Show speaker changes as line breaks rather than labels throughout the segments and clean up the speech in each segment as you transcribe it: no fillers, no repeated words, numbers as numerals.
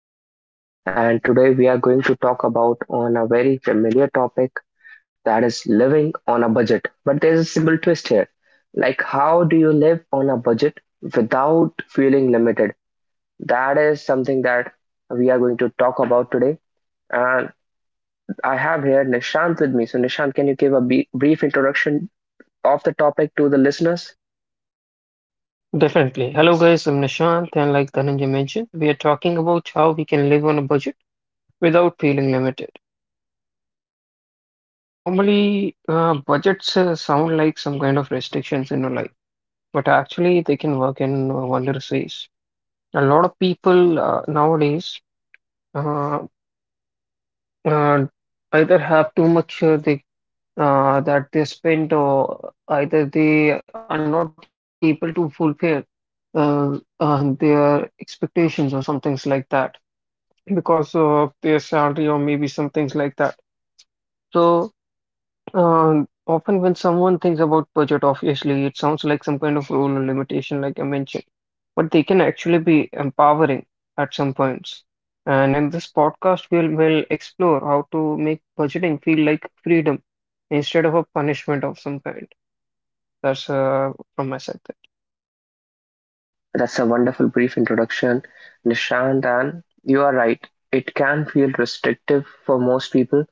Dhananjay, and today we are going to talk about on a very familiar topic that is living on a budget. But there's a simple twist here, like how do you live on a budget without feeling limited? That is something that we are going to talk about today. And I have here Nishant with me. So Nishant, can you give a brief introduction of the topic to the listeners?
Definitely. Hello guys, I'm Nishant, and like Dhananjay mentioned, we are talking about how we can live on a budget without feeling limited. Normally, budgets sound like some kind of restrictions in your life, but actually they can work in wondrous ways. A lot of people nowadays uh, uh, either have too much that they spend, or either they are not able to fulfill their expectations or some things like that because of their salary or maybe some things like that. So Often when someone thinks about budget, obviously it sounds like some kind of rule or limitation, like I mentioned, but they can actually be empowering at some points. And in this podcast, we'll will explore how to make budgeting feel like freedom instead of a punishment of some kind. That's from my side.
That's a wonderful brief introduction, Nishant. And you are right, it can feel restrictive for most people,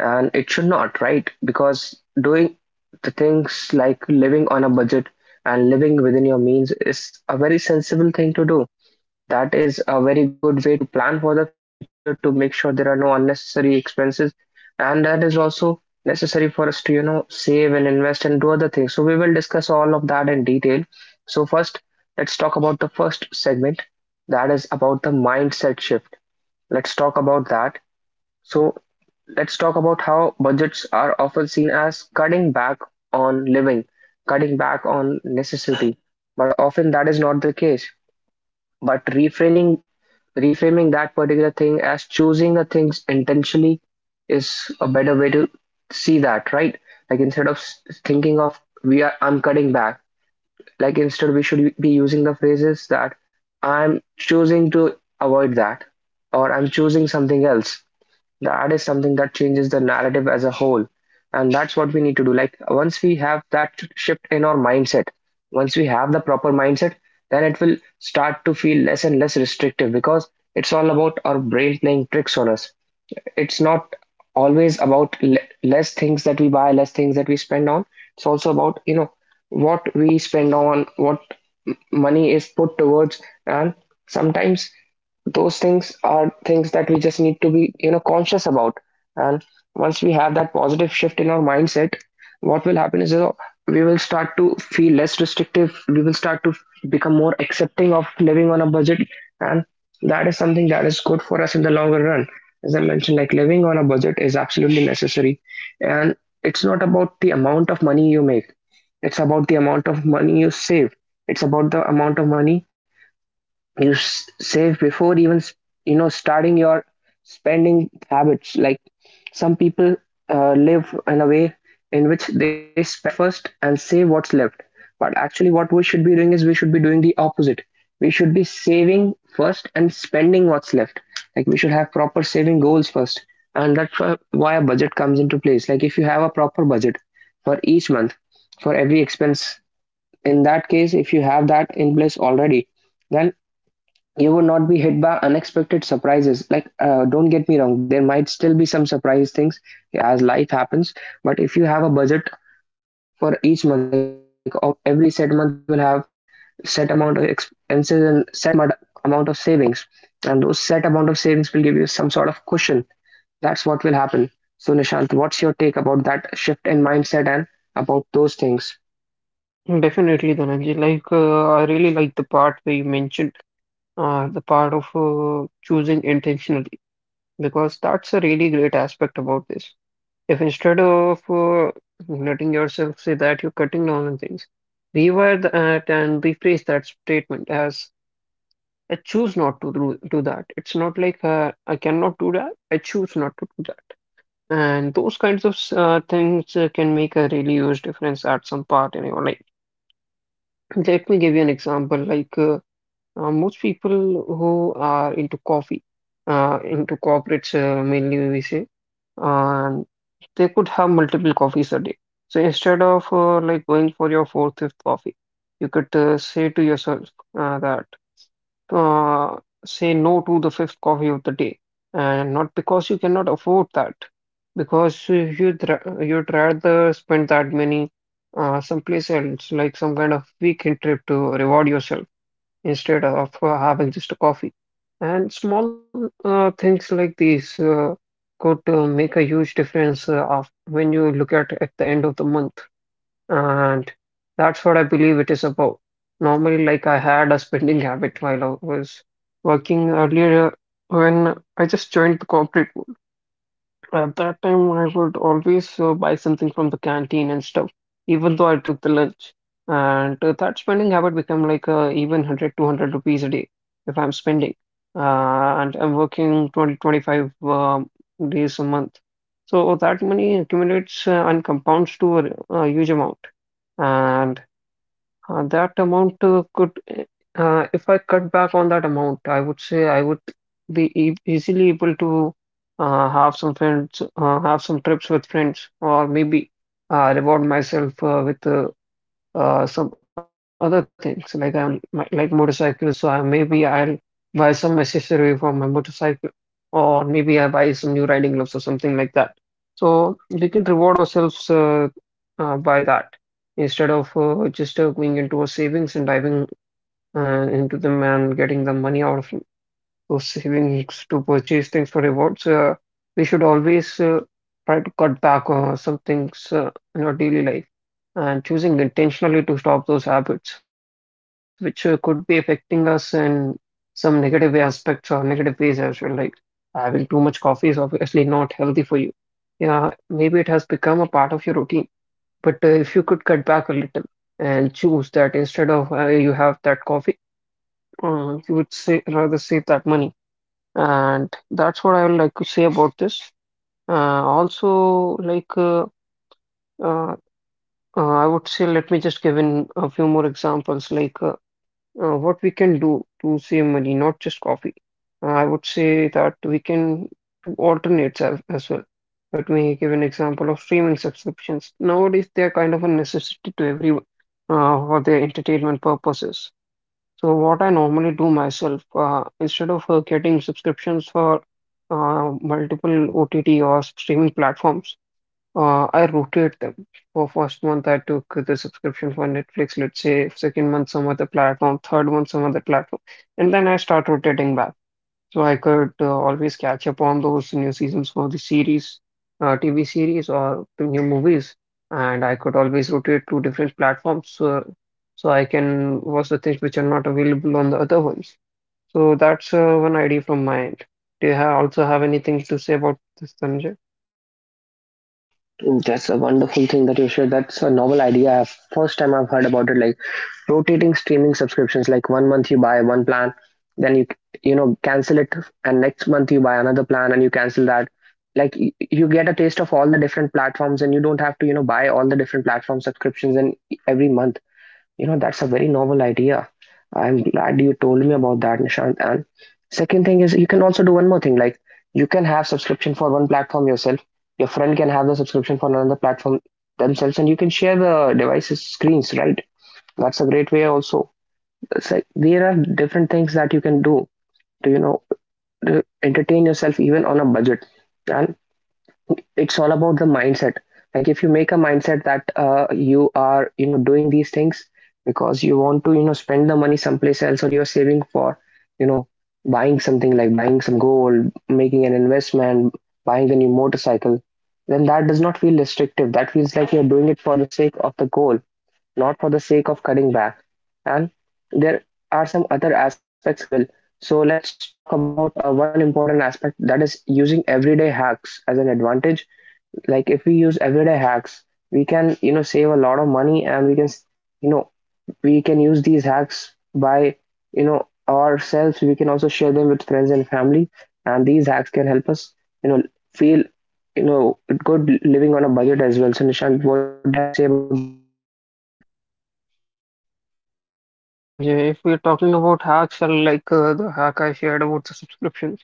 and it should not, right? Because doing the things like living on a budget and living within your means is a very sensible thing to do. That is a very good way to plan for the future to make sure there are no unnecessary expenses. And that is also necessary for us to, you know, save and invest and do other things. So we will discuss all of that in detail. So first, let's talk about the first segment that is about the mindset shift. Let's talk about that. So let's talk about how budgets are often seen as cutting back on living, cutting back on necessity, but often that is not the case. But reframing that particular thing as choosing the things intentionally is a better way to see that, right? Like, instead of thinking of, we are, I'm cutting back, like instead we should be using the phrases that I'm choosing to avoid that, or I'm choosing something else. That is something that changes the narrative as a whole, and that's what we need to do. Like, once we have that shift in our mindset, once we have the proper mindset, then it will start to feel less and less restrictive, because it's all about our brain playing tricks on us. It's not always about less things that we buy, less things that we spend on. It's also about, you know, what we spend on, what money is put towards, and sometimes those things are things that we just need to be, you know, conscious about. And once we have that positive shift in our mindset, what will happen is we will start to feel less restrictive, we will start to become more accepting of living on a budget, and that is something that is good for us in the longer run. As I mentioned, like, living on a budget is absolutely necessary. And it's not about the amount of money you make, it's about the amount of money you save, it's about the amount of money you save before even starting your spending habits. Like, some people live in a way in which they spend first and save what's left, but actually what we should be doing is we should be doing the opposite. We should be saving first and spending what's left. Like, we should have proper saving goals first, and that's why a budget comes into place. Like, if you have a proper budget for each month, for every expense, in that case, if you have that in place already, then you would not be hit by unexpected surprises. Like, don't get me wrong, there might still be some surprise things as life happens. But if you have a budget for each month, like of every set month, you will have set amount of expenses and set amount of savings, and those set amount of savings will give you some sort of cushion. That's what will happen. So, Nishant, what's your take about that shift in mindset and about those things?
Definitely, Dhananjay. Like I really like the part where you mentioned the part of choosing intentionally, because that's a really great aspect about this. If instead of letting yourself say that you're cutting down on things, rewire that and rephrase that statement as I choose not to do that. It's not like I cannot do that, I choose not to do that. And those kinds of things can make a really huge difference at some part in your life. Let me give you an example like most people who are into coffee, into corporates, mainly we say, um, they could have multiple coffees a day. So instead of like going for fourth, fifth coffee, you could say to yourself that uh, say no to the fifth coffee of the day, and not because you cannot afford that, because you'd rather spend that money someplace else, like some kind of weekend trip to reward yourself instead of having just a coffee. And small things like these could make a huge difference of when you look at the end of the month. And that's what I believe it is about. Normally, like I had a spending habit while I was working earlier, when I just joined the corporate. At that time, I would always buy something from the canteen and stuff, even though I took the lunch. And that spending habit become like even one hundred two hundred rupees a day if I'm spending. Uh, and I'm working 20-25 days a month. So that money accumulates and compounds to a huge amount. And that amount if I cut back on that amount, I would say I would be e easily able to have some friends, have some trips with friends, or maybe reward myself with some other things like like motorcycles. So I, maybe I'll buy some accessory for my motorcycle, or maybe some new riding gloves or something like that. So we can reward ourselves by that, instead of just going into a savings and diving into them and getting the money out of those savings to purchase things for rewards. We should always try to cut back on some things in our daily life and choosing intentionally to stop those habits, which could be affecting us in some negative aspects or negative ways as well. Like having too much coffee is obviously not healthy for you. Yeah, maybe it has become a part of your routine, but if you could cut back a little and choose that instead of you have that coffee, you would say rather save that money. And that's what I would like to say about this. Uh, also, like uh, I would say, let me just give in a few more examples, like what we can do to save money, not just coffee. I would say that we can do alternates as well. Let me give an example of streaming subscriptions. Nowadays, they are kind of a necessity to everyone for their entertainment purposes. So what I normally do myself, instead of getting subscriptions for multiple OTT or streaming platforms, I rotate them. For first month, I took the subscription for Netflix, let's say, second month, some other platform, third month, some other platform, and then I start rotating back. So I could always catch up on those new seasons for the series, TV series or new movies, and I could always rotate to different platforms, so I can watch the things which are not available on the other ones. So that's one idea from my end. Do you ha also have anything to say about this, Dhananjay?
That's a wonderful thing that you shared. That's a novel idea. First time I've heard about it. Like, rotating streaming subscriptions, like one month you buy one plan, then you know cancel it, and next month you buy another plan and you cancel that. Like, you get a taste of all the different platforms and you don't have to buy all the different platform subscriptions in every month. That's a very novel idea. I'm glad you told me about that, Nishant. And second thing is, you can also do one more thing. Like, you can have subscription for one platform yourself, your friend can have the subscription for another platform themselves, and you can share the devices, screens, right? That's a great way also. It's like there are different things that you can do to you know to entertain yourself even on a budget. And it's all about the mindset. Like, if you make a mindset that you are doing these things because you want to spend the money someplace else, or you're saving for you know buying something, like buying some gold, making an investment, buying a new motorcycle, then that does not feel restrictive. That feels like you're doing it for the sake of the goal, not for the sake of cutting back. And there are some other aspects as well. So let's talk about one important aspect, that is using everyday hacks as an advantage. Like, if we use everyday hacks, we can save a lot of money, and you know we can use these hacks by ourselves. We can also share them with friends and family, and these hacks can help us you know feel you know good living on a budget as well. So Nishant, what do you have to say about that?
Yes, Dhananjay. If we're talking about hacks, the hack I shared about the subscriptions,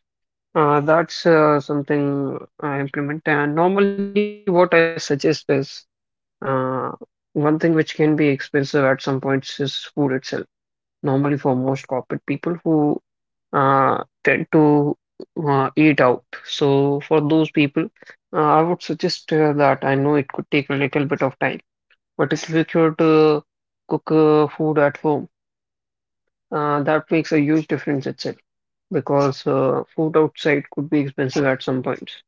that's something I implement. And normally, what I suggest is Uh, one thing which can be expensive at some points is food itself. Normally, for most corporate people who tend to eat out. So, for those people, I would suggest that I know it could a little bit of time, but if you could cook food at home, that makes a huge difference itself, because food outside could be expensive at some points.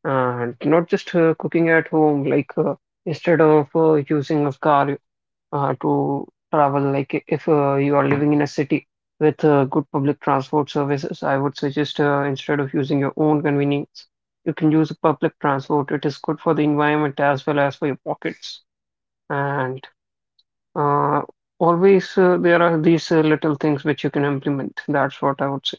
And not just cooking at home, like instead of using a car to travel. Like if you are living in a city with good public transport services, I would suggest instead of using your own convenience, you can use public transport. It is good for the environment as well as for your pockets. And uh, always there are these little things which you can implement. That's what I would say.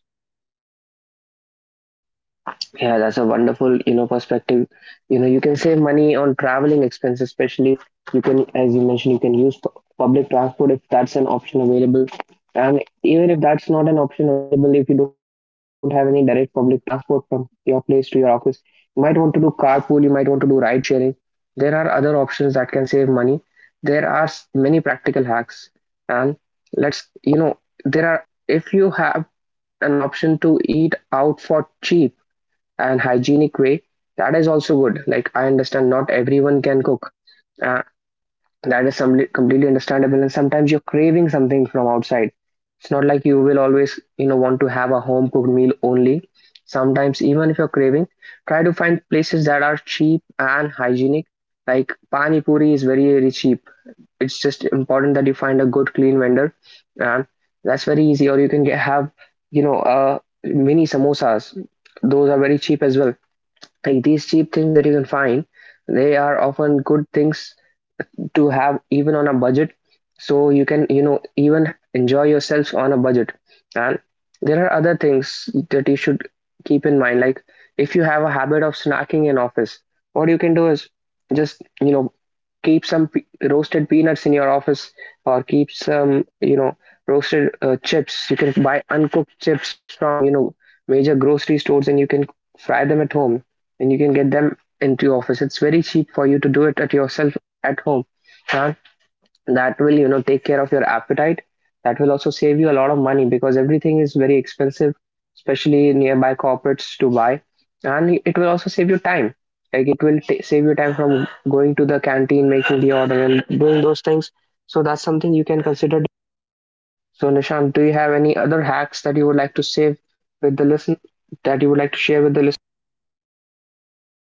Yeah, that's a wonderful perspective. You can save money on traveling expenses, especially you can, as you mentioned, you can use public transport if that's an option available. And even if that's not an option available, if you don't have any direct public transport from your place to your office, you might want to do carpool, you might want to do ride sharing. There are other options that can save money. There are many practical hacks. And let's, you know, there are, if you have an option to eat out for cheap and hygienic way, that is also good. Like, I understand not everyone can cook. Uh, that is completely understandable. And sometimes you're craving something from outside. It's not like you will always, want to have a home cooked meal only. Sometimes even if you're craving, try to find places that are cheap and hygienic. Like, pani puri is very, very cheap. It's just important that you find a good, clean vendor. And that's very easy. Or you can have, you know, uh, mini samosas. Those are very cheap as well. Like, these cheap things that you can find, they are often good things to have even on a budget. So you can even enjoy yourself on a budget. And there are other things that you should keep in mind. Like, if you have a habit of snacking in office, what you can do is just keep some roasted peanuts in your office, or keep some roasted chips. You can buy uncooked chips from major grocery stores and you can fry them at home and you can get them into your office. It's very cheap for you to do it at yourself at home, huh? That will take care of your appetite. That will also save you a lot of money because everything is very expensive, especially nearby corporates to buy. And it will also save you time. Like, it will save you time from going to the canteen, making the order, and doing those things. So that's something you can consider. So Nishant, do you have any other hacks that you would like to save with the listen that you would like to share with the list?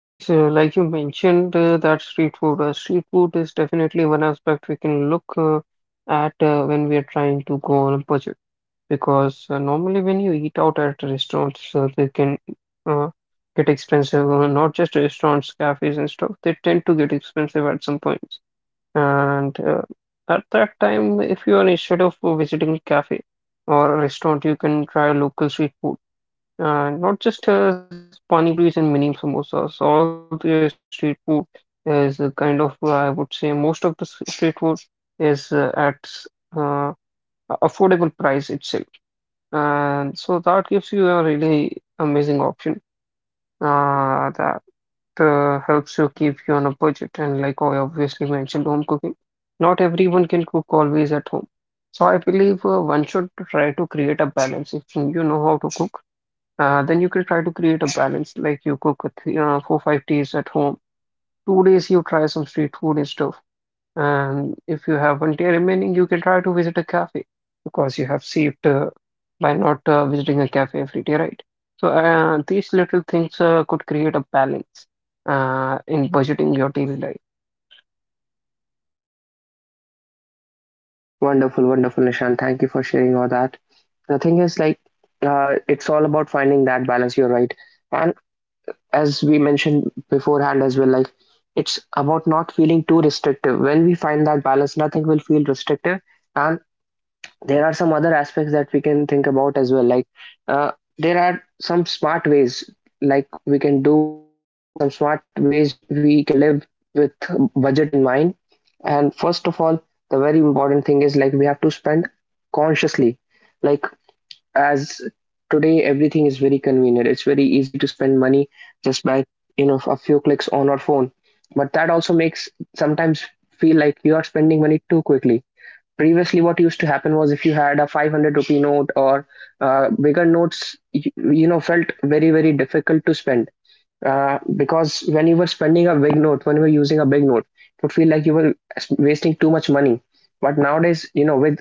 Yes, like you mentioned, that street food. Street food is definitely one aspect we can look at when we are trying to go on a budget, because normally when you eat out at restaurants, they can uh, get expensive. Not just restaurants, cafes, and stuff. They tend to get expensive at some points. And at that time, if you are instead of visiting a cafe or a restaurant, you can try local street food. Not just pani puris and mini samosas. All the street food is a kind of, I would say, most of the street food is uh, affordable price itself, and so that gives you a really amazing option that helps you keep you on a budget. And like I obviously mentioned, home cooking. Not everyone can cook always at home. So I believe one should try to create a balance. You know how to cook, then you can try to create a balance. Like you cook with, you know, four, five days at home. Two days you try some street food and stuff. And if you have one day remaining, you can try to visit a cafe because you have saved by not visiting a cafe every day, right? So these little things could create a balance in budgeting your daily life.
Wonderful, wonderful, Nishant, thank you for sharing all that. The thing is, like, it's all about finding that balance, you're right. And as we mentioned beforehand as well, like, it's about not feeling too restrictive. When we find that balance, nothing will feel restrictive. And there are some other aspects that we can think about as well. Like, uh, there are some smart ways, like, we can do some smart ways we can live with budget in mind. And first of all, the very important thing is, like, we have to spend consciously. Like as today everything is very convenient. It's very easy to spend money just by, you know, a few clicks on our phone, but that also makes sometimes feel like you are spending money too quickly. Previously what used to happen was if you had a 500 rupee note or bigger notes, you know, felt very difficult to spend, because when you were spending a big note, when you were using a big note, it would feel like you were wasting too much money. But nowadays, you know, with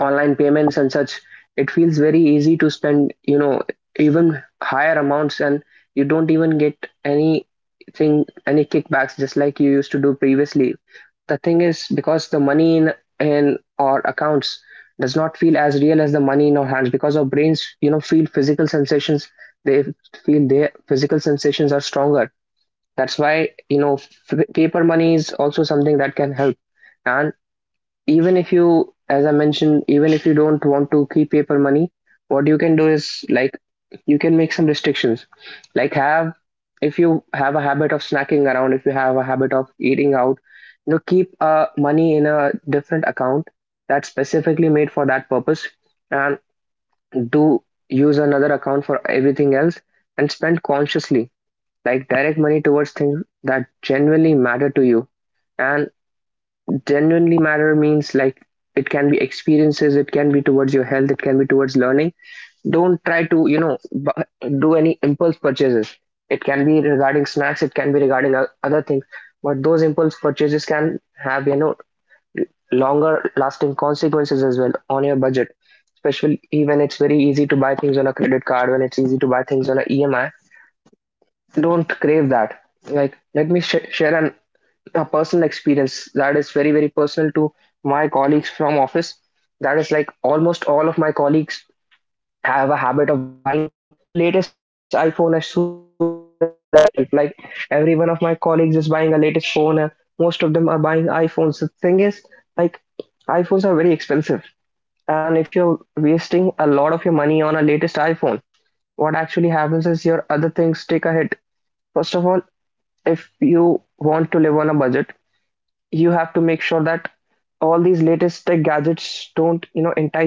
online payments and such, it feels very easy to spend, you know, even higher amounts, and you don't even get anything, any kickbacks, just like you used to do previously. The thing is, because the money in our accounts does not feel as real as the money in our hands, because our brains, you know, feel physical sensations, they feel their physical sensations are stronger. That's why, you know, paper money is also something that can help. And even if you, as I mentioned, even if you don't want to keep paper money, what you can do is, like, you can make some restrictions. Like have if you have a habit of snacking around, if you have a habit of eating out, you know, keep money in a different account that's specifically made for that purpose, and do use another account for everything else, and spend consciously. Like direct money towards things that genuinely matter to you. And genuinely matter means, like, it can be experiences, it can be towards your health, it can be towards learning. Don't try to, you know, do any impulse purchases. It can be regarding snacks, it can be regarding other things, but those impulse purchases can have, you know, longer lasting consequences as well on your budget, especially when it's very easy to buy things on a credit card, when it's easy to buy things on a EMI. Don't crave that. Like, let me share an a personal experience that is very personal to my colleagues from office. That is, like, almost all of my colleagues have a habit of buying the latest iPhone as soon as that hits the shelf. Like every one of my colleagues is buying a latest phone, and most of them are buying iPhones. The thing is, like, iPhones are very expensive, and if you're wasting a lot of your money on a latest iPhone, what actually happens is your other things take a hit. First of all, if you want to live on a budget, you have to make sure that all these latest tech gadgets don't, you know, entice you.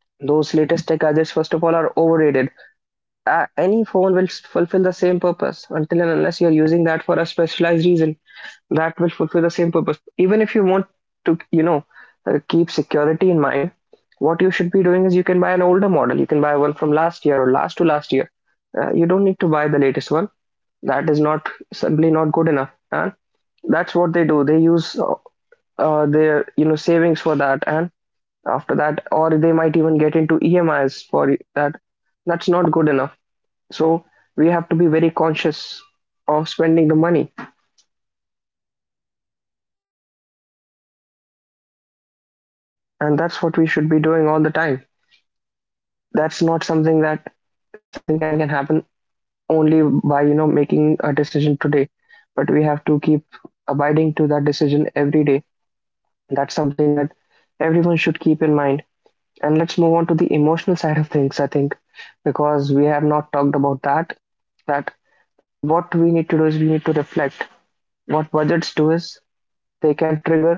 Those latest tech gadgets first of all are overrated. Any phone will fulfill the same purpose until and unless you're using that for a specialized reason. That will fulfill the same purpose. Even if you want to, you know, keep security in mind, what you should be doing is you can buy an older model, you can buy one from last year or last to last year. You don't need to buy the latest one. That is not simply not good enough. And that's what they do. They use their, you know, savings for that, and after that or they might even get into emis for that. That's not good enough. So we have to be very conscious of spending the money, and that's what we should be doing all the time. That's not something that something can happen only by, you know, making a decision today, but we have to keep abiding to that decision every day. That's something that everyone should keep in mind. And let's move on to the emotional side of things, I think, because we have not talked about that. That what we need to do is we need to reflect. What budgets do is they can trigger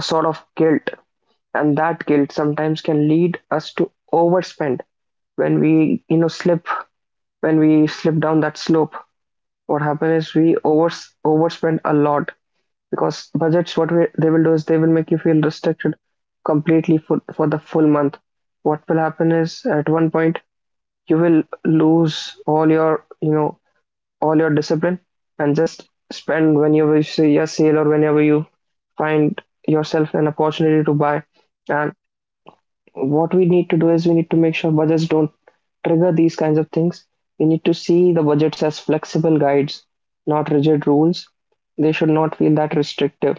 a sort of guilt, and that guilt sometimes can lead us to overspend when we, you know, slip when we slip down that slope. What happens is we overspend a lot because budgets. What they will do is they will make you feel restricted completely for the full month. What will happen is at one point you will lose all your, you know, all your discipline, and just spend whenever you see a sale or whenever you find yourself an opportunity to buy. And what we need to do is we need to make sure budgets don't trigger these kinds of things. We need to see the budgets as flexible guides, not rigid rules. They should not feel that restrictive.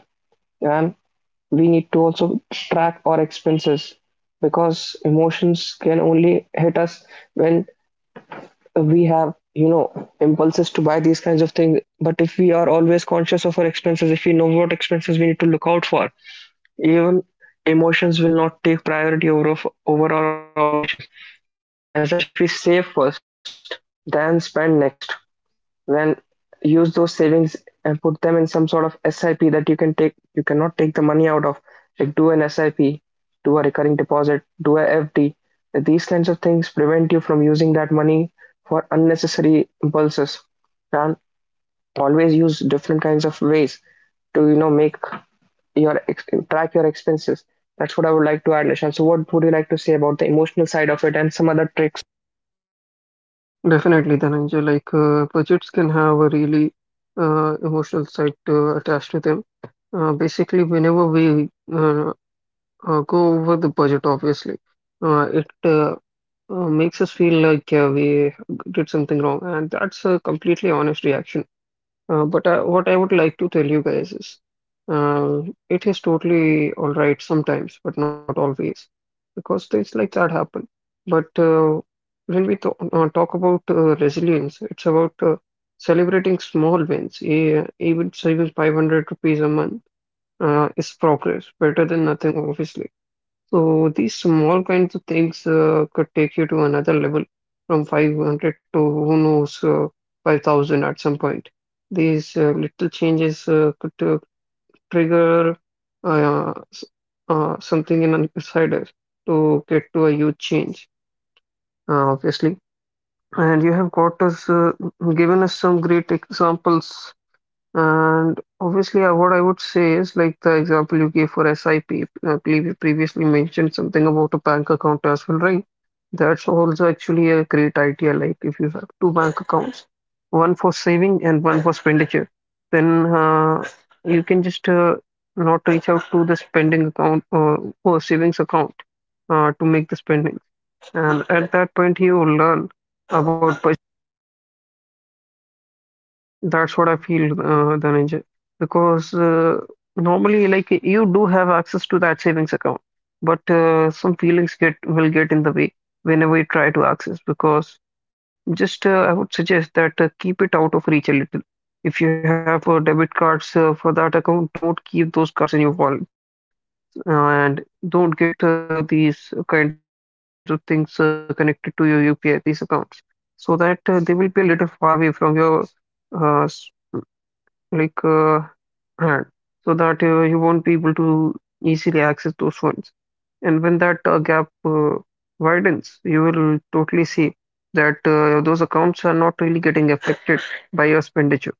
And we need to also track our expenses, because emotions can only hit us when we have, you know, impulses to buy these kinds of things. But if we are always conscious of our expenses, if we know what expenses we need to look out for, even emotions will not take priority over our obligations. As I mentioned, if we save first, then spend next, then use those savings and put them in some sort of SIP that you can take, you cannot take the money out of. Like do an SIP, do a recurring deposit, do a FD. These kinds of things prevent you from using that money for unnecessary impulses. And always use different kinds of ways to, you know, make your track your expenses. That's what I would like to add, Nishant. So what would you like to say about the emotional side of it and some other tricks?
Definitely, Dhananjay. Like budgets can have a really emotional side attached to them. Basically, whenever we go over the budget, obviously, it makes us feel like we did something wrong, and that's a completely honest reaction. But What I would like to tell you guys is uh, it is totally all right sometimes, but not always, because things like that happen. But talk about resilience, it's about celebrating small wins. Even saving 500 rupees a month is progress, better than nothing, obviously. So these small kinds of things could take you to another level, from 500 to who knows 5,000 at some point. These little changes could trigger s- something in an insider to get to a huge change, obviously. And you have got us given us some great examples. And obviously, what I would say is like the example you gave for SIP, believe you previously mentioned something about a bank account as well, right? That's also actually a great idea. Like if you have two bank accounts, one for saving and one for expenditure, then you can just not reach out to the spending account or savings account to make the spending. And at that point, you will learn about, that's what I feel, Dhananjay. Because normally, like you do have access to that savings account, but some feelings get will get in the way whenever you try to access. Because just I would suggest that keep it out of reach a little. If you have debit cards for that account, don't keep those cards in your wallet, and don't get these kinds of things connected to your UPI these accounts, so that they will be a little far away from your uh, s- like uh, hand so that you won't be able to easily access those ones. And when that gap widens, you will totally see that those accounts are not really getting affected by your expenditure.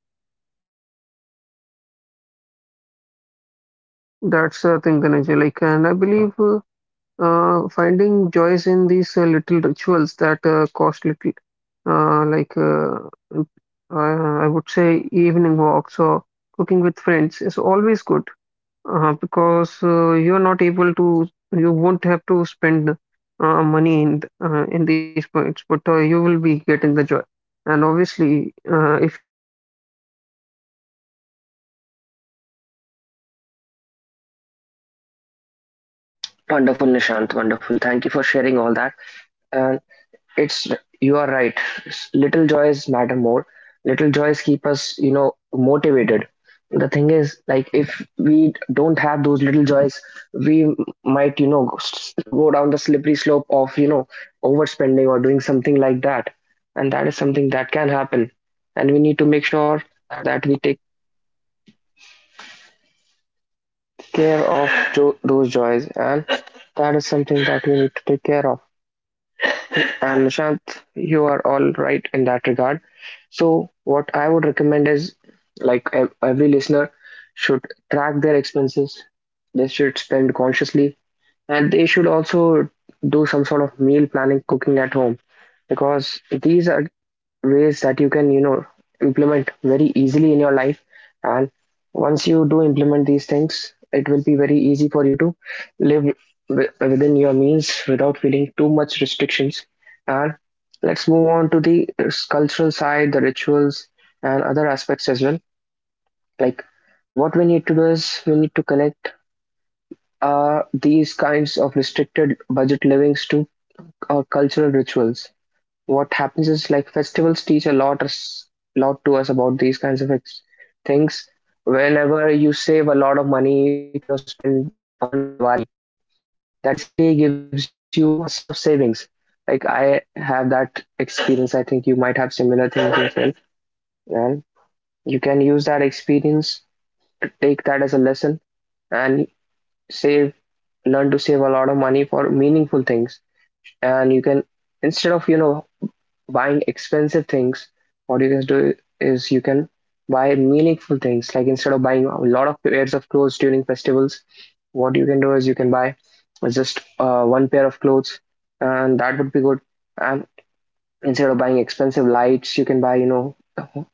That's the thing, Dhananjay. Like, and I believe finding joys in these little rituals that cost little, uh, like uh, I would say evening walks or cooking with friends is always good. Because you won't have to spend money in in these points, but you will be getting the joy. And obviously, if you have some free time in your hand, you will surely think.
Wonderful, Nishant. Wonderful. Thank you for sharing all that. And It's you are right. Little joys matter more. Little joys keep us, you know, motivated. The thing is, like, if we don't have those little joys, we might, you know, go down the slippery slope of, you know, overspending or doing something like that. And that is something that can happen. And we need to make sure that we take care of those joys. And that is something that we need to take care of. And Nishant, you are all right in that regard. So, what I would recommend is, like, every listener should track their expenses, they should spend consciously, and they should also do some sort of meal planning, cooking at home, because these are ways that you can, you know, implement very easily in your life. And once you do implement these things, it will be very easy for you to live within your means without feeling too much restrictions. And let's move on to the cultural side, the rituals and other aspects as well. Like what we need to do is we need to connect these kinds of restricted budget livings to our cultural rituals. What happens is, like, festivals teach a lot us lot to us about these kinds of things. Whenever you save a lot of money to, you know, spend on Diwali, that basically gives you a sense of savings. Like I have that experience. I think you might have similar things yourself. And you can use that experience to take that as a lesson and save learn to save a lot of money for meaningful things. And you can, instead of, you know, buying expensive things, what you can do is you can buy meaningful things. Like instead of buying a lot of pairs of clothes during festivals, what you can do is you can buy just one pair of clothes, and that would be good. And instead of buying expensive lights, you can buy, you know,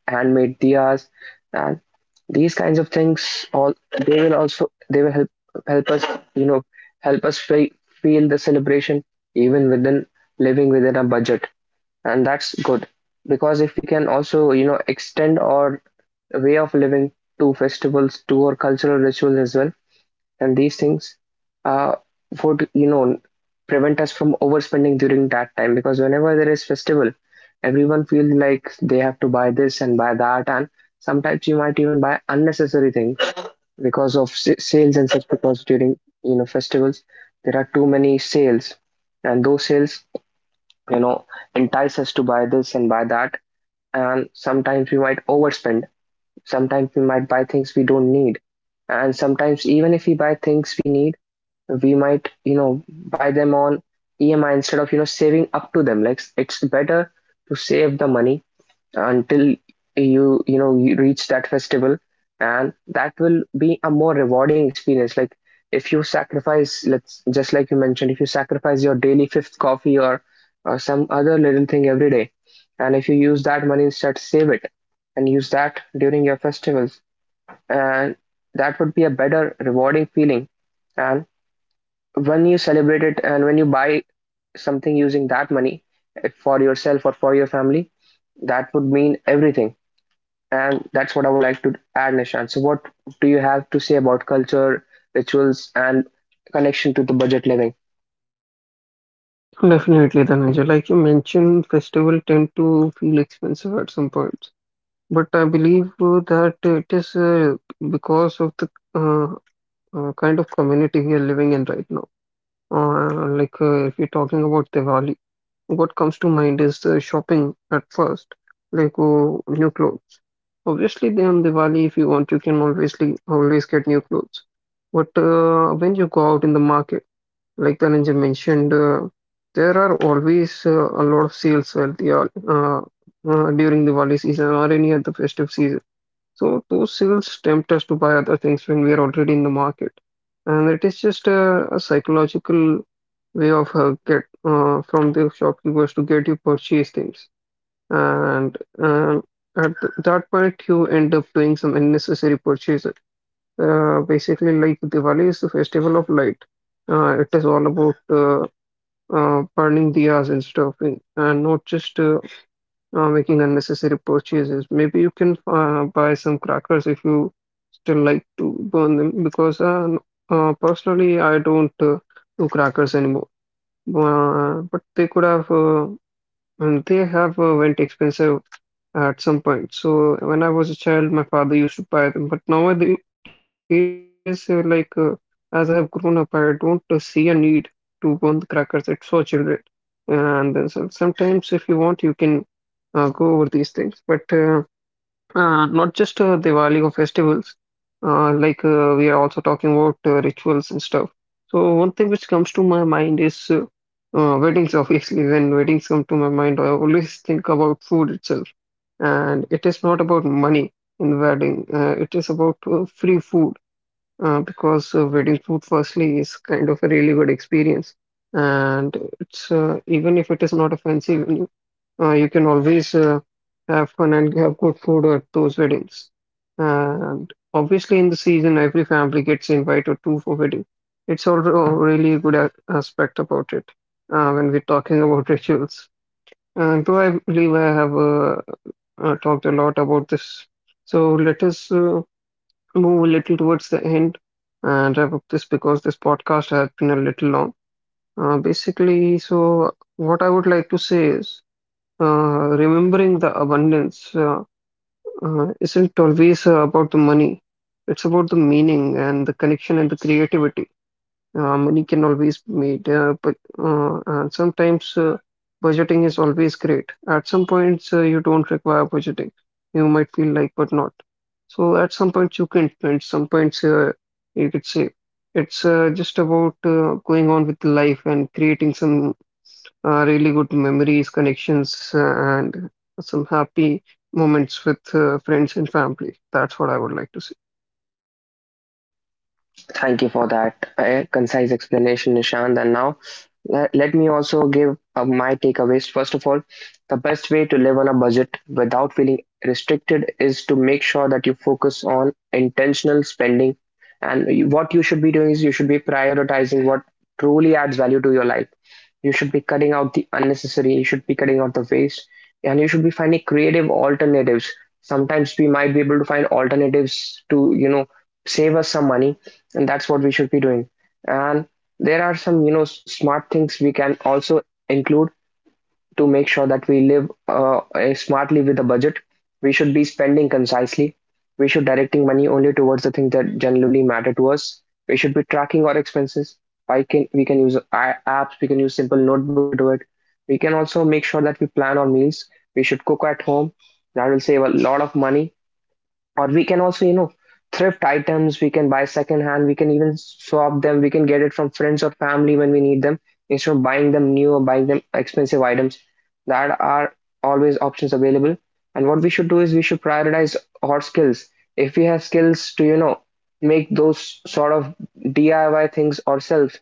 handmade diyas, and these kinds of things. All they will also they will help help us, you know, help us feel the celebration even within living within a budget. And that's good, because if we can also, you know, extend our way of living to festivals, to our cultural rituals as well, and these things uh, would, you know, prevent us from overspending during that time. Because whenever there is festival, everyone feels like they have to buy this and buy that, and sometimes you might even buy unnecessary things because of sales and such. Because during, you know, festivals, there are too many sales, and those sales, you know, entice us to buy this and buy that, and sometimes we might overspend. Sometimes we might buy things we don't need. And sometimes even if we buy things we need, we might, you know, buy them on EMI instead of, you know, saving up to them. Like it's better to save the money until you know, you reach that festival, and that will be a more rewarding experience. Like if you sacrifice, let's just like you mentioned, if you sacrifice your daily fifth coffee or some other little thing every day, and if you use that money instead, save it and use that during your festivals, and that would be a better rewarding feeling. And when you celebrate it and when you buy something using that money, if for yourself or for your family, that would mean everything. And that's what I would like to add, Nishant. So, what do you have to say about culture, rituals, and connection to the budget living?
Definitely, Dhananjay. Like you mentioned, festival tend to feel expensive at some points, but I believe that it is because of the kind of community we are living in right now. If you're talking about Diwali, what comes to mind is shopping at first, new clothes. Obviously, then on Diwali, if you want, you can obviously always get new clothes. But when you go out in the market, like the ninja mentioned, there are always a lot of sales at the uh, during the Diwali season or any other festive season. So those sales tempt us to buy other things when we are already in the market, and it is just a psychological way of get from the shopkeepers to get you purchase things and at that point you end up doing some unnecessary purchases. Basically, like Diwali is the festival of light. It is all about burning diyas and stuff, and, not just making unnecessary purchases. Maybe you can buy some crackers if you still like to burn them, because personally, I don't do crackers anymore. But they could have and they have went expensive at some point. So when I was a child, my father used to buy them. But nowadays, as I have grown up, I don't see a need to burn the crackers. It's for children. And then so sometimes, if you want, you can go over these things. But not just Diwali or festivals, we are also talking about rituals and stuff. So one thing which comes to my mind is weddings. Obviously, when weddings come to my mind, I always think about food itself, and it is not about money in wedding. It is about free food because wedding food, firstly, is kind of a really good experience, and it's even if it is not a fancy menu, you can always have fun and have good food at those weddings. And obviously, in the season, every family gets invited to for wedding. It's also really a good aspect about it when we're talking about rituals. And though I believe I have talked a lot about this, so let us move a little towards the end and wrap up this because this podcast has been a little long. Basically, so what I would like to say is remembering the abundance isn't always about the money. It's about the meaning and the connection and the creativity. Money can always be made, but and sometimes budgeting is always great. At some points, you don't require budgeting. You might feel like, but not. So at some points you can spend, some points you could say it's just about going on with life and creating some really good memories, connections, and some happy moments with friends and family. That's what I would like to say.
Thank you for that concise explanation, Nishant. And now let me also give my takeaways. First of all, the best way to live on a budget without feeling restricted is to make sure that you focus on intentional spending. And what you should be doing is you should be prioritizing what truly adds value to your life. You should be cutting out the unnecessary, you should be cutting out the waste, and you should be finding creative alternatives. Sometimes we might be able to find alternatives to, you know, save us some money, and that's what we should be doing. And there are some, you know, smart things we can also include to make sure that we live smartly with the budget. We should be spending concisely. We should directing money only towards the things that generally matter to us. We should be tracking our expenses. I can we can use apps. We can use simple notebook to do it. We can also make sure that we plan our meals. We should cook at home. That will save a lot of money. Or we can also, you know, thrift items, we can buy second hand, we can even swap them, we can get it from friends or family when we need them, instead of buying them new or buying them expensive items. That are always options available. And what we should do is we should prioritize our skills. If we have skills to, you know, make those sort of DIY things ourselves,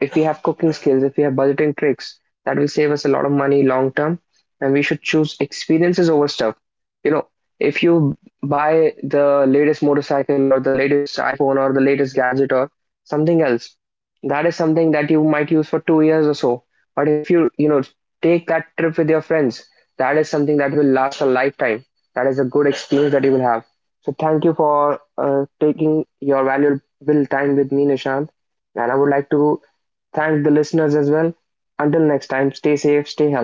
if we have cooking skills, if we have budgeting tricks, that will save us a lot of money long term. And we should choose experiences over stuff. You know, if you buy the latest motorcycle or the latest iPhone or the latest gadget or something else, that is something that you might use for 2 years or so. But if you, you know, take that trip with your friends, that is something that will last a lifetime. That is a good experience that you will have. So thank you for taking your valuable time with me, Nishant. And I would like to thank the listeners as well. Until next time, stay safe, stay